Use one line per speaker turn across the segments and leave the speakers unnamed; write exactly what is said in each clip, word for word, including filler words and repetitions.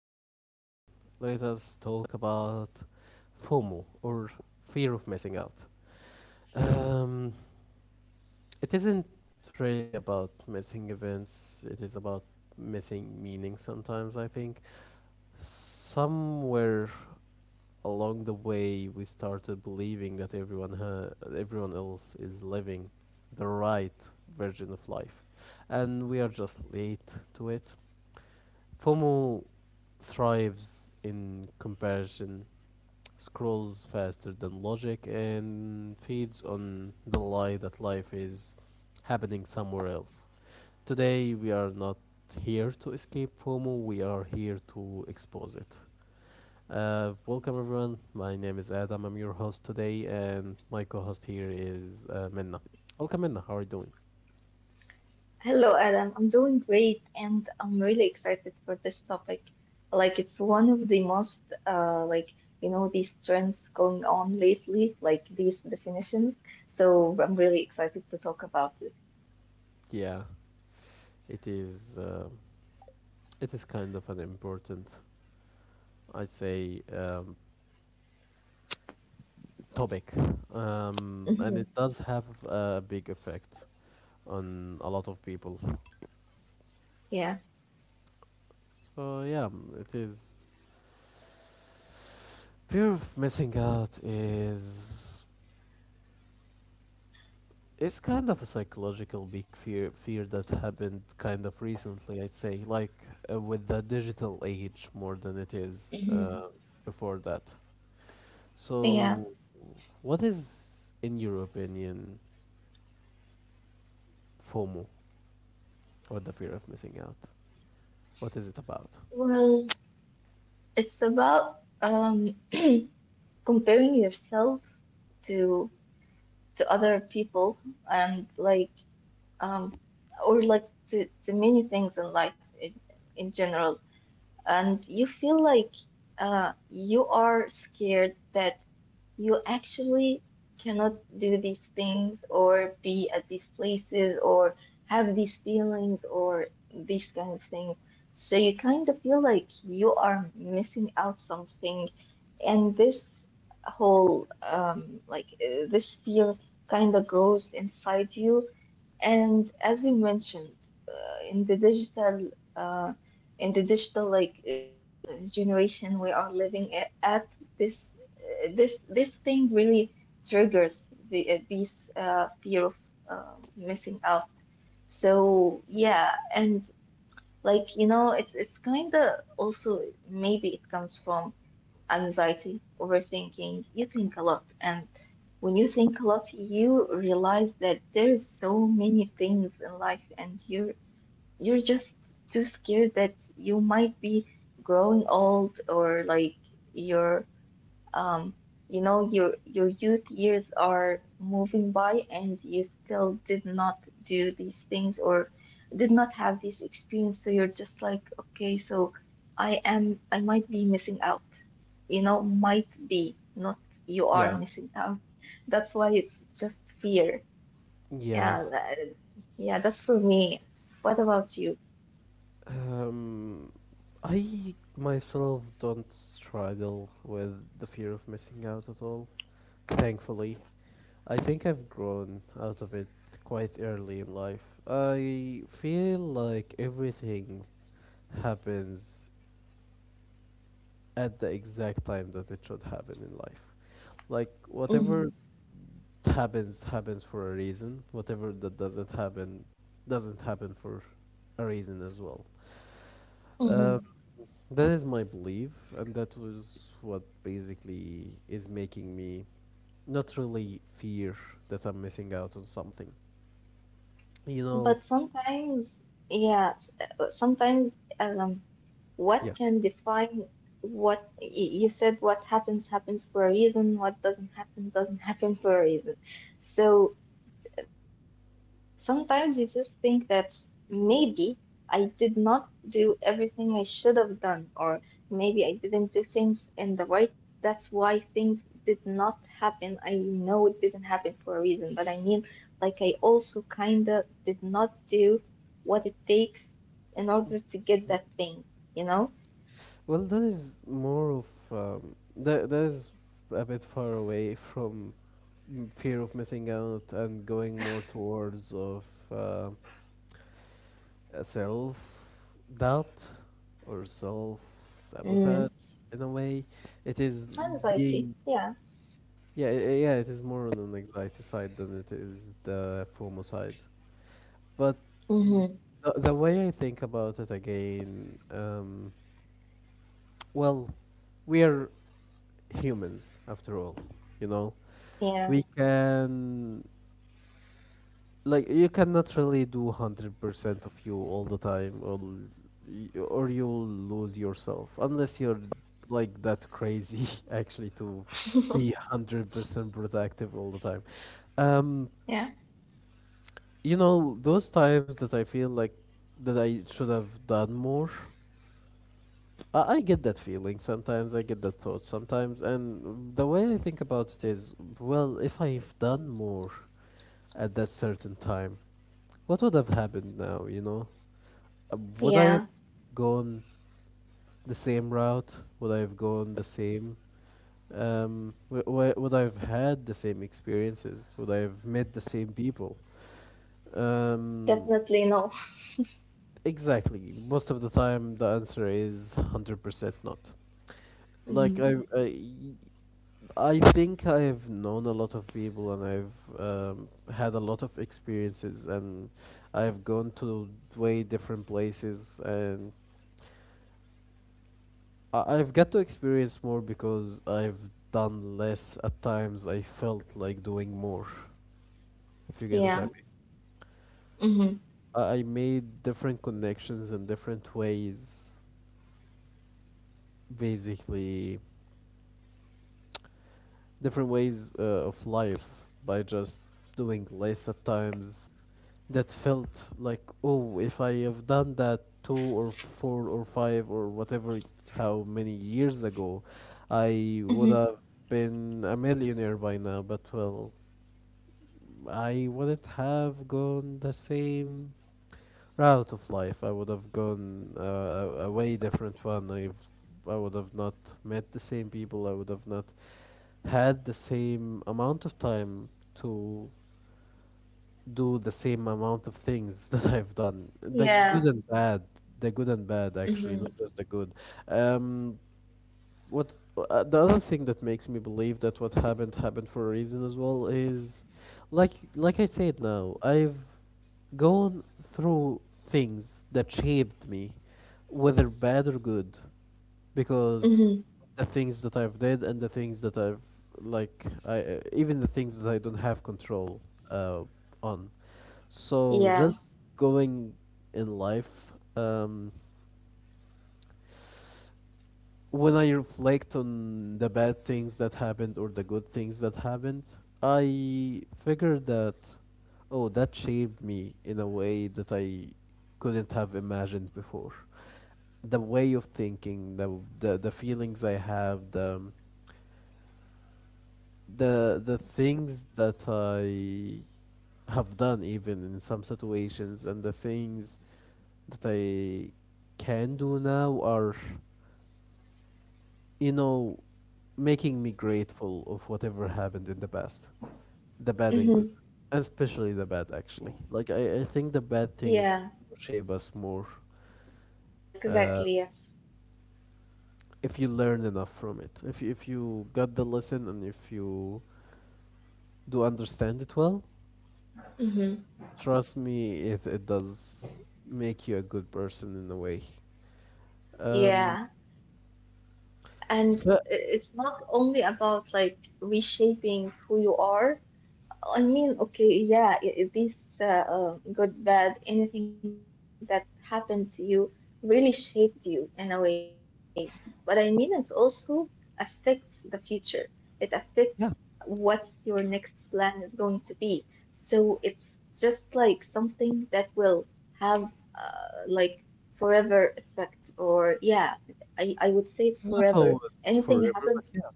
welcome everyone. Let us talk about FOMO or fear of missing out. Um, it isn't really about missing events, it is about missing meaning sometimes, I think. Somewhere along the way, we started believing that everyone, ha- everyone else is living the right version of life, and we are just late to it. FOMO thrives in comparison, scrolls faster than logic, and feeds on the lie that life is happening somewhere else. Today, we are not here to escape FOMO, we are here to expose it. Uh, welcome, everyone. My name is Adam, I'm your host today, and my co host here is uh, Minna. Welcome, Minna. How are you doing?
Hello, Adam. I'm doing great and I'm really excited for this topic. Like it's one of the most uh like you know these trends going on lately, like these definitions. So I'm really excited to talk about it.
Yeah, it is. Uh, it is kind of an important, I'd say, um, topic, um, and
Hmm.
it does have a big effect on a lot of people.
Yeah.
So yeah, mm, it is. Fear of missing out is it's kind of a psychological big fear fear that happened kind of recently, I'd say, like uh, with the digital age more than it is
Hmm.
uh, before that.
Yeah.
So, what is, in your opinion, FOMO or the fear of missing out? What is it about?
Well, it's about um comparing yourself to to other people and like um or like to to many things in life in, in general, and you feel like uh, you are scared that you actually cannot do these things or be at these places or have these feelings or these kind of things. So you kind of feel like you are missing out something, and this whole um, like uh, this fear kind of grows inside you, and as you mentioned, uh, in the digital, uh, in the digital like uh, uh, generation we are living a- at, this uh, this this thing really triggers the uh, these uh, fear of uh, missing out. So yeah, and like you know, it's it's kind of also maybe it comes from anxiety, overthinking. You think a lot, and when you think a lot, you realize that there's so many things in life, and you're you're just too scared that you might be growing old or like you're um, you know, your your youth years are moving by and you still did not do these things or did not have this experience, so you're just like, okay, so I am, I might be missing out. You know, might be, not you
Yeah.
are missing out. That's why it's just fear.
Yeah.
Yeah, that- yeah, that's for me. What about you?
Um, I myself don't struggle with the fear of missing out at all, thankfully. I think I've grown out of it quite early in life. I feel like everything happens at the exact time that it should happen in life. Like,
Hmm.
whatever happens, happens for a reason. Whatever that doesn't happen, doesn't happen for a reason as well. Uh, That is my belief, and that was what basically is making me not really fear that I'm missing out on something. You know,
But sometimes, yes, uh, sometimes um, what
yeah.
can define what y- you said, what happens happens for a reason, what doesn't happen doesn't happen for a reason. So. Sometimes you just think that maybe I did not do everything I should have done, or maybe I didn't do things in the right way. That's why things did not happen. I know it didn't happen for a reason, but I mean, like, I also kind of did not do what it takes in order to get that thing, you know?
Well, that is more of um, that. That. Is a bit far away from m- fear of missing out and going more towards of uh, self doubt or self
Mm.
sabotage in a way. It is
Anxiety.
being
Yeah.
Yeah, i- yeah, it is more on an anxiety side than it is the FOMO side. But mm,
Mm-hmm.
the, the way I think about it again, um, well, we are humans after all, you know?
Yeah.
We can, like, you cannot really do one hundred percent of you all the time, or, y- or you'll lose yourself, unless you're like that crazy actually to be one hundred percent productive all the time. Um,
Yeah.
you know those times that I feel like that I should have done more. i, I get that feeling sometimes, I get that thought sometimes, and the way I think about it is, well, if I've done more at that certain time, what would have happened now you know Uh, would I have
Yeah.
gone the same route? Would I have gone the same, um w- w- would I have had the same experiences? Would I have met the same people? um
Definitely no.
Exactly. Most of the time, the answer is one hundred percent not. Like,
Mm-hmm.
I, I, I think I've known a lot of people and I've um, had a lot of experiences, and I've gone to way different places, and I, I've got to experience more because I've done less at times. I felt like doing more, if you get what I
Yeah.
mean.
Mm-hmm.
I, I made different connections in different ways, basically different ways uh, of life by just doing less at times that felt like, oh, if I have done that two or four or five or whatever it- how many years ago, I would
Mhm.
have been a millionaire by now. But well, I wouldn't have gone the same route of life. I would have gone uh, a, a way different one. i've I would have not met the same people. I would have not had the same amount of time to do the same amount of things that I've done. The good
Yeah.
and bad, the good and bad, actually,
Mhm.
not just the good. Um, what uh, The other thing that makes me believe that what happened happened for a reason as well is, like like I said, now I've gone through things that shaped me, whether bad or good, because
Mhm.
the things that I've did and the things that I've like I uh, even the things that I don't have control uh on, so
Yeah.
just going in life, um when I reflect on the bad things that happened or the good things that happened, I figure that, oh, that shaped me in a way that I couldn't have imagined before. The way of thinking, the the, the feelings I have, the the the things that I have done even in some situations, and the things that I can do now are, you know, making me grateful of whatever happened in the past, the bad and good,
Mhm.
and especially the bad, actually. Like, I, I think the bad things
Yeah.
shape us more,
Yeah.
uh,
Exactly. Yes.
if you learn enough from it. If you- if you got the lesson and if you do understand it well,
Mhm.
trust me, it, it does make you a good person in a way. Um,
Yeah. And
so,
i- it's not only about like reshaping who you are. I mean, okay, yeah, i i- uh, uh, good, bad, anything that happened to you really shaped you in a way. But I mean, it also affects the future. It affects what
yeah,
your next plan is going to be. So it's just like something that will have uh, like forever effect, or yeah, I, I would say it's
not
forever.
always
Anything happens,
forever, but yeah.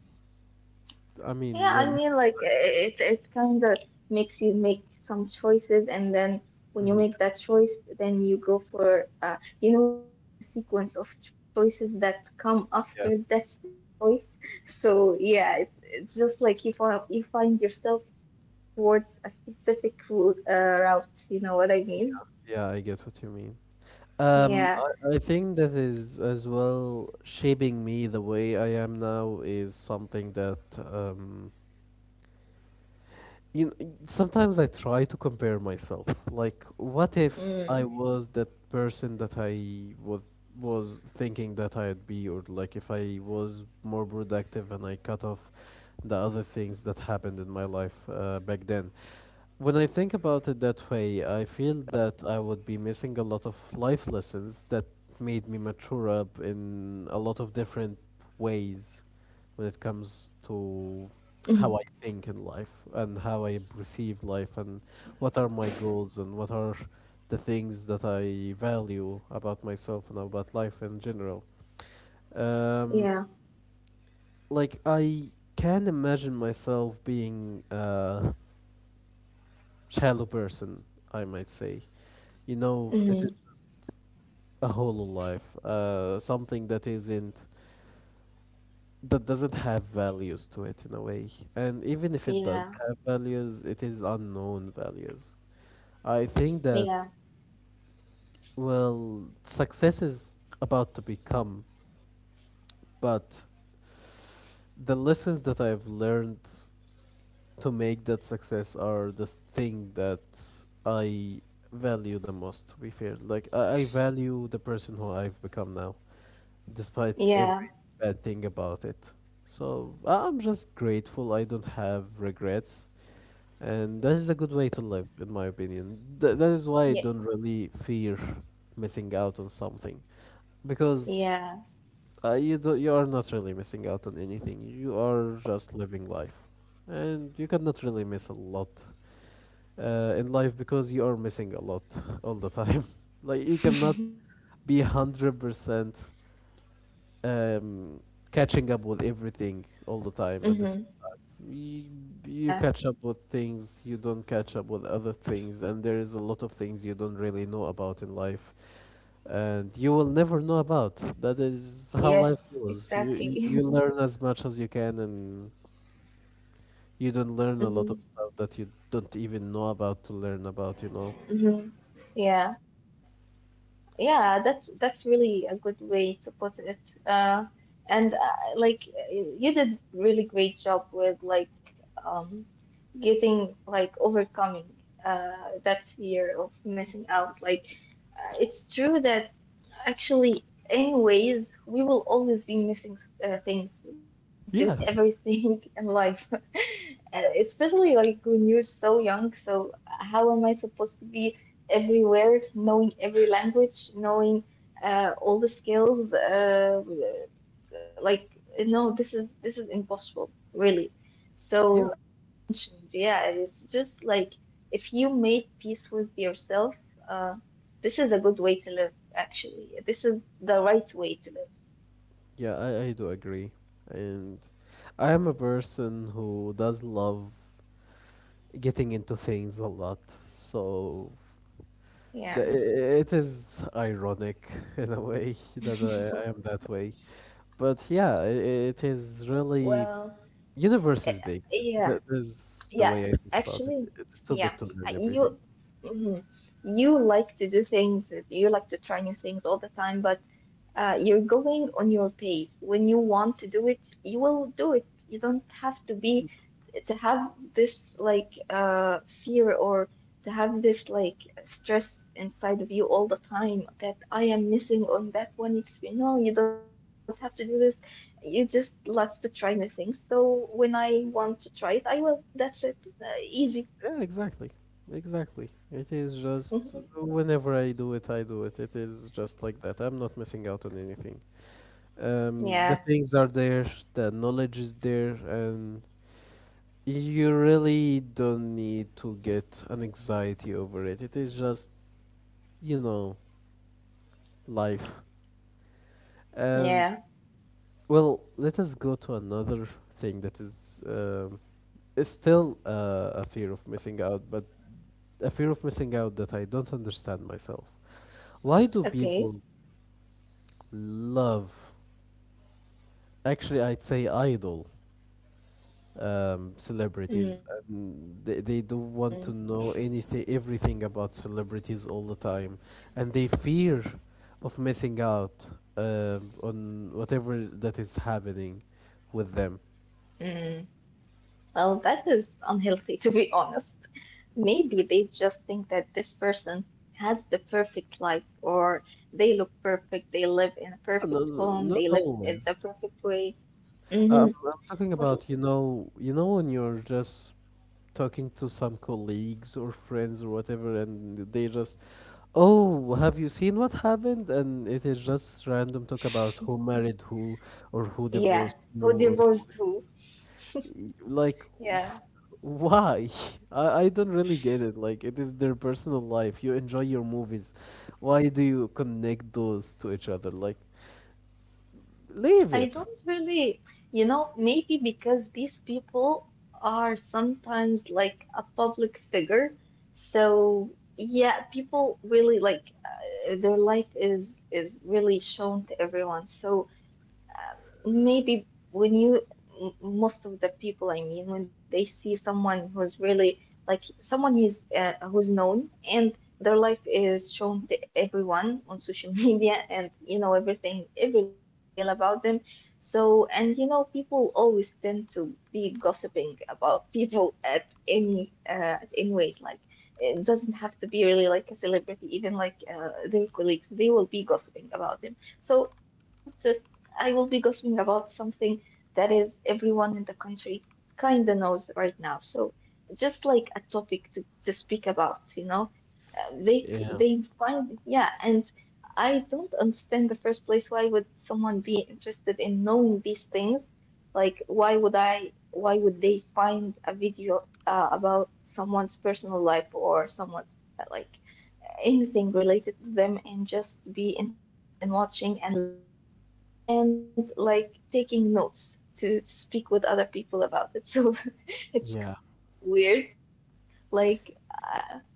I mean,
yeah,
yeah,
I
most
mean, like
of
it's it's kind of makes you make some choices, and then when
the
you
time. Hmm.
make that choice, then you go for, uh, you know, it's like a sequence of choices that come after
Yeah,
that specific choice. So yeah, it's it's just like you find you find yourself pushed towards a specific route, uh, route. You know what I mean?
yeah, I get what you mean. Um,
Yeah.
I, I think that is as well shaping me the way I am now is something that, um you know, sometimes I try to compare myself. Like, what if I
Mm.
was that person that I was was thinking that I'd be, or like if I was more productive and I cut off the other things that happened in my life uh, back then. When I think about it that way, I feel that I would be missing a lot of life lessons that made me mature up in a lot of different ways when it comes
Hmm.
to how I think in life and how I perceive life and what are my goals and what are the things that I value about myself and about life in general.
Yeah.
Um, like, I can imagine myself being a shallow person, I might say. You know, it
Hmm.
is a whole life, uh, something that isn't, that doesn't have values to it in a way. And even if it
Yeah.
does have values, it is unknown values. I think that,
Yeah.
well, success is about to become, but the lessons that I've learned to make that success are the thing that I value the most, to be fair. Like, I, I value the person who I've become now, despite
Yeah.
every bad thing about it. So I'm just grateful I don't have regrets, and that is a good way to live, in my opinion. Th- that is why I
Yeah.
don't really fear missing out on something, because
Yes.
uh, you do- you are not really missing out on anything. You are just living life, and you cannot really miss a lot uh, in life because you are missing a lot all the time. Like, you cannot be hundred percent um, catching up with everything all the time at the same.
Hmm.
you, you
Yeah.
catch up with things, you don't catch up with other things, and there is a lot of things you don't really know about in life and you will never know about. That is how life
Yes,
goes. You you, you
exactly.
learn as much as you can, and you don't learn a lot of
Hmm.
stuff that you don't even know about to learn about, you know
Hmm. Yeah. Yeah, that's that's really a good way to put it. Uh, and uh, like uh, you did really great job with like um, getting like overcoming uh, that fear of missing out. Like uh, it's true that actually, anyways, we will always be missing uh, things. You can't do
yeah.
everything in life, uh, especially like when you're so young. So how am I supposed to be everywhere, knowing every language, knowing uh, all the skills? Uh, like, no, this is this is impossible, really. So
Yeah.
as we mentioned, yeah, it's just like, if you make peace with yourself, uh, this is a good way to live. Actually, this is the right way to live.
Yeah, I, I do agree. And I am a person who does love getting into things a lot. So, the,
Yeah.
it is ironic in a way that I, I am that way. But yeah, I it is really,
Well,
universe
eh,
is big.
yeah.
That is the way I
Yes.
think about it.
Actually,
It's too
yeah.
big to
Uh,
learn
you
everything.
mhm, you like to do things, you like to try new things all the time, but uh, you're going on your pace. When you want to do it, you will do it. You don't have to be to have this like uh fear, or to have this like stress inside of you all the time that I am missing on that one experience. No, you don't have to do this. You just love to try new things. So when I want to try it, I will. That's it. Uh, easy.
Yeah, exactly. Exactly. It is just
Mhm.
whenever I do it, I do it. It is just like that. I'm not missing out on anything. Um, the
Yeah.
things are there, the knowledge is there, and you really don't need to get an anxiety over it. It is just, you know, life. And
Yeah.
well, let us go to another thing that is, um, is still uh, a fear of missing out, but a fear of missing out that I don't understand myself. Why do
Okay.
people love, actually, I'd say, idol, um, celebrities,
Mm.
and they, they don't want to know anything, everything about celebrities all the time, and they fear of missing out um, on whatever that is happening with them.
Mm. Well, that is unhealthy, to be honest. Maybe they just think that this person has the perfect life, or they look perfect, they live in a perfect
No, no,
home,
no,
they
not
live in the
always.
perfect ways. Mm-hmm.
Um, I'm talking
What,
about, you know, you know when you're just talking to some colleagues or friends or whatever, and they just, oh, have you seen what happened? And it is just random talk about who married who or who
yeah,
divorced
who
who or
divorced who?
y- like,
Yeah.
pff, why? I, I don't really get it. Like, it is their personal life. You enjoy your movies. Why do you connect those to each other? Like, leave
I
it.
don't really, you know, maybe because these people are sometimes like a public figure. So yeah, people really like uh, their life is is really shown to everyone. So maybe when you m- most of the people, I mean, when they see someone who's really like someone is uh, who's known, and their life is shown to everyone on social media, and you know everything, every little detail about them. So, and you know people always tend to be gossiping about people at any, uh at any ways, like, it doesn't have to be really like a celebrity. Even like uh, their colleagues, they will be gossiping about them. So if I don't just, I will be gossiping about something that is everyone in the country kinda knows right now. So just like a topic to, to speak about, you know, Uh, they
Yeah.
they find, yeah, and I don't understand, the first place, why would someone be interested in knowing these things? Like why would I why would they find a video uh, about someone's personal life, or someone uh, like anything related to them, and just be interested in watching and learning, and like taking notes to, to speak with other people about it. So it's
Yeah.
kind of weird, but like, uh,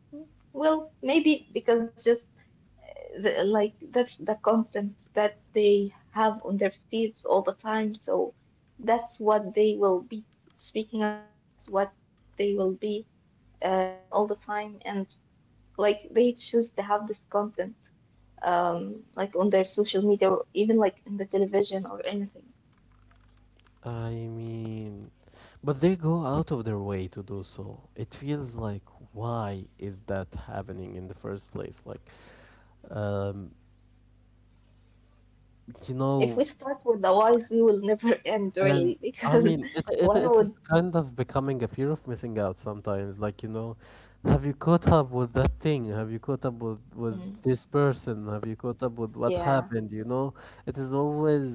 well, maybe because just the, like that's the content that they have on their feeds all the time. So that's what they will be speaking about. That's what they will be uh, seeing all the time. And like they choose to have this content um, like on their social media, or even like in the television or anything.
I mean, but they go out of their way to do so. It feels like, why is that happening in the first place? Like, um, you
If we
know,
start with the whys, we will never end,
and
really,
I
because
mean, it, it,
why
it
would?
is kind of becoming a fear of missing out sometimes. Like, you know, have you caught up with that thing? Have you caught up with, with
Mhm.
this person? Have you caught up with what
Yeah,
happened? You know, it is always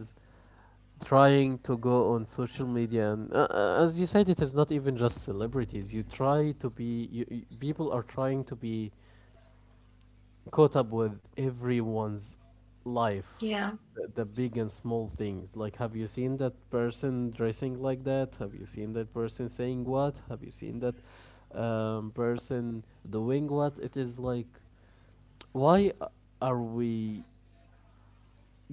trying to go on social media and uh, uh, as you said, it is not even just celebrities. You try to be you, you- People are trying to be caught up with everyone's life.
yeah.
The, the big and small things, like, have you seen that person dressing like that? Have you seen that person saying what? Have you seen that um, person doing what? It is like, why a- are we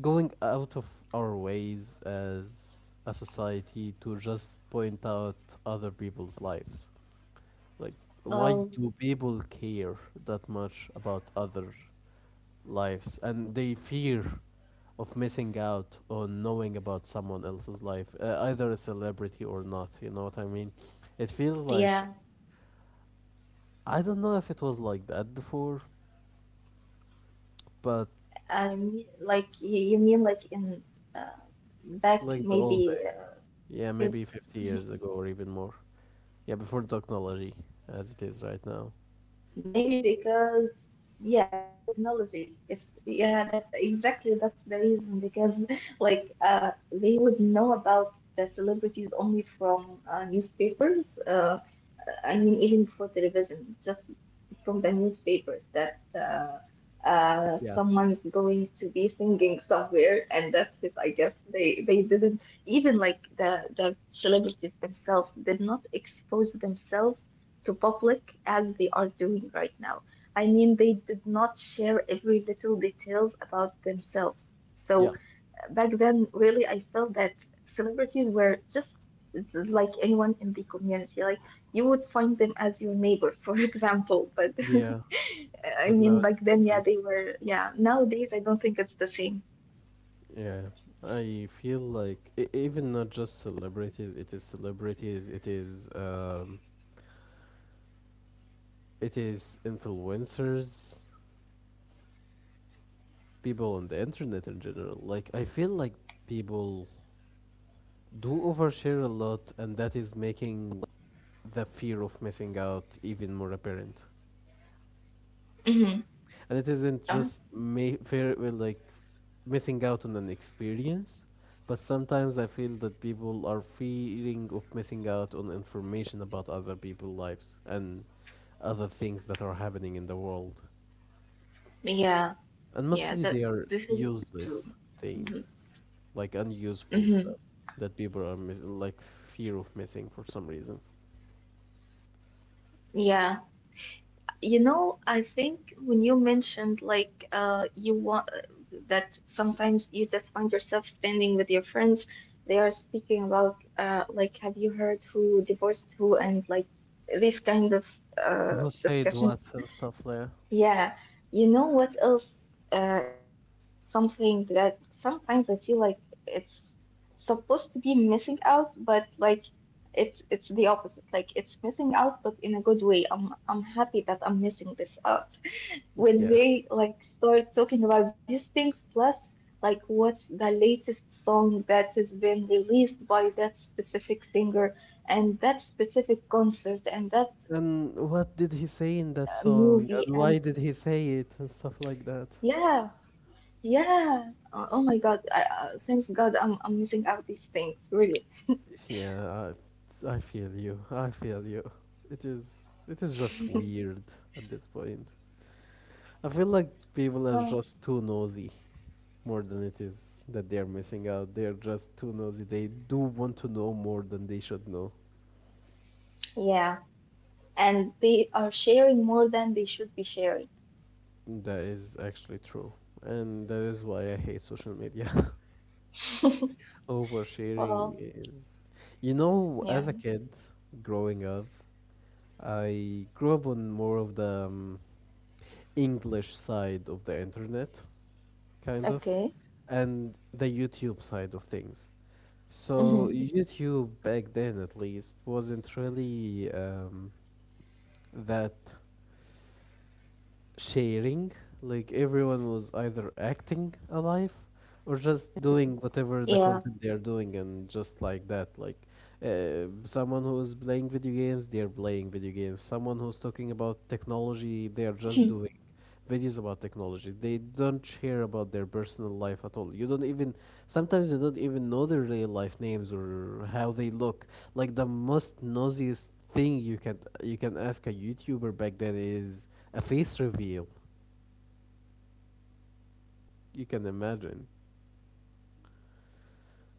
going out of our ways as a society to just point out other people's lives? Like, why
Well,
do people care that much about other lives? And they fear of missing out on knowing about someone else's life, uh, either a celebrity or not. You know what I mean? It feels like
yeah.
I don't know if it was like that before, but
I mean, like you, you mean, like in uh, back
like the old
maybe
days.
uh,
Yeah,
fifty
maybe
years.
fifty years ago or even more. Yeah, before technology,
Maybe
as it is
because,
right now.
yeah, before technology, it's, yeah, that exactly, that's the reason, because like uh, they would know about the celebrities only from uh, newspapers, uh, I mean, even for television, just from the newspaper that uh, uh, someone's going to
Yeah,
be singing somewhere, and that's it. I guess they they didn't even like the the celebrities themselves did not expose themselves to public as they are doing right now. I mean, they did not share every little details about themselves. So
yeah,
back then, really, I felt that celebrities were just like anyone in the community. Like, you would find them as your neighbor, for example. But
yeah. But now
I
it is
mean, back
different.
then, yeah, they were. Yeah, nowadays, I don't think it's the same.
Yeah, I feel like e- even not just celebrities, it is celebrities, it is um, it is influencers, people on the internet in general. Like, I feel like people do overshare a lot, and that is making the fear of missing out even more apparent.
Hmm.
And it isn't just
Yeah,
may fair well, like missing out on an experience, but sometimes I feel that people are fearing of missing out on information about other people's lives and other things that are happening in the world,
yeah,
and mostly they
yeah. That
are
This is
useless
true.
things,
Mm-hmm.
like unuseful stuff
Mm-hmm.
that people are mis- like fear of missing for some reason.
Yeah. You know, I think when you mentioned, like, uh you want, that sometimes you just find yourself standing with your friends, they are speaking about uh like, have you heard who divorced who, and like these kind of uh
Who said
discussions.
what and stuff like,
Yeah, you know what else uh, is something that sometimes I feel like it's supposed to be missing out, but like it's it's the opposite. Like it's missing out, but in a good way. I'm I'm happy that I'm missing this out. When
yeah.
they like start talking about these things, plus like what's the latest song that has been released by that specific singer, and that specific concert, and that uh,
And what
movie,
did he
and
say in that song? And why did he say it? And stuff
yeah.
like that.
Yeah. Uh, oh my God. I, uh, thanks God I'm, I'm missing out these things, really.
Yeah, I, I feel you. I feel you. It is it is just weird at this point. I feel like people are
Well,
just too nosy, more than it is that they're missing out. They're just too nosy. They do want to know more than they should know.
yeah. And they are sharing more than they should be sharing.
That is actually true. And that is why I hate social media. Oversharing
Well,
is, you know, as
yeah.
a kid growing up, I grew up on more of the um, English side of the internet, kind of,
Okay.
and the YouTube side of things.
Mm-hmm.
So YouTube back then, at least, wasn't really um, that sharing. Like, everyone was either acting alive or just doing whatever the
Yeah.
content they are doing, and just like that, like uh, someone who is playing video games, they are playing video games. Someone who's talking about technology, they are just
Mhm.
doing videos about technology. They don't share about their personal life at all. You don't even, sometimes you don't even know their real life names or how they look. Like, the most nosiest thing you can you can ask a YouTuber back then is a face reveal. You can imagine.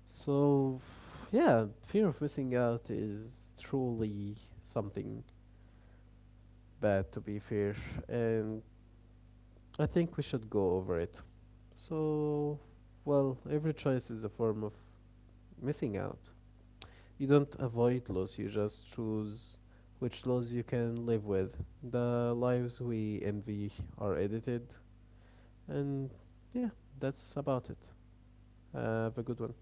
So, yeah, fear of missing out is truly something bad, to be fair. And I think we should go over it. So, well, every choice is a form of missing out. You don't avoid loss, you just choose which laws you can live with. The lives we envy are edited, and yeah, that's about it. Have a good one.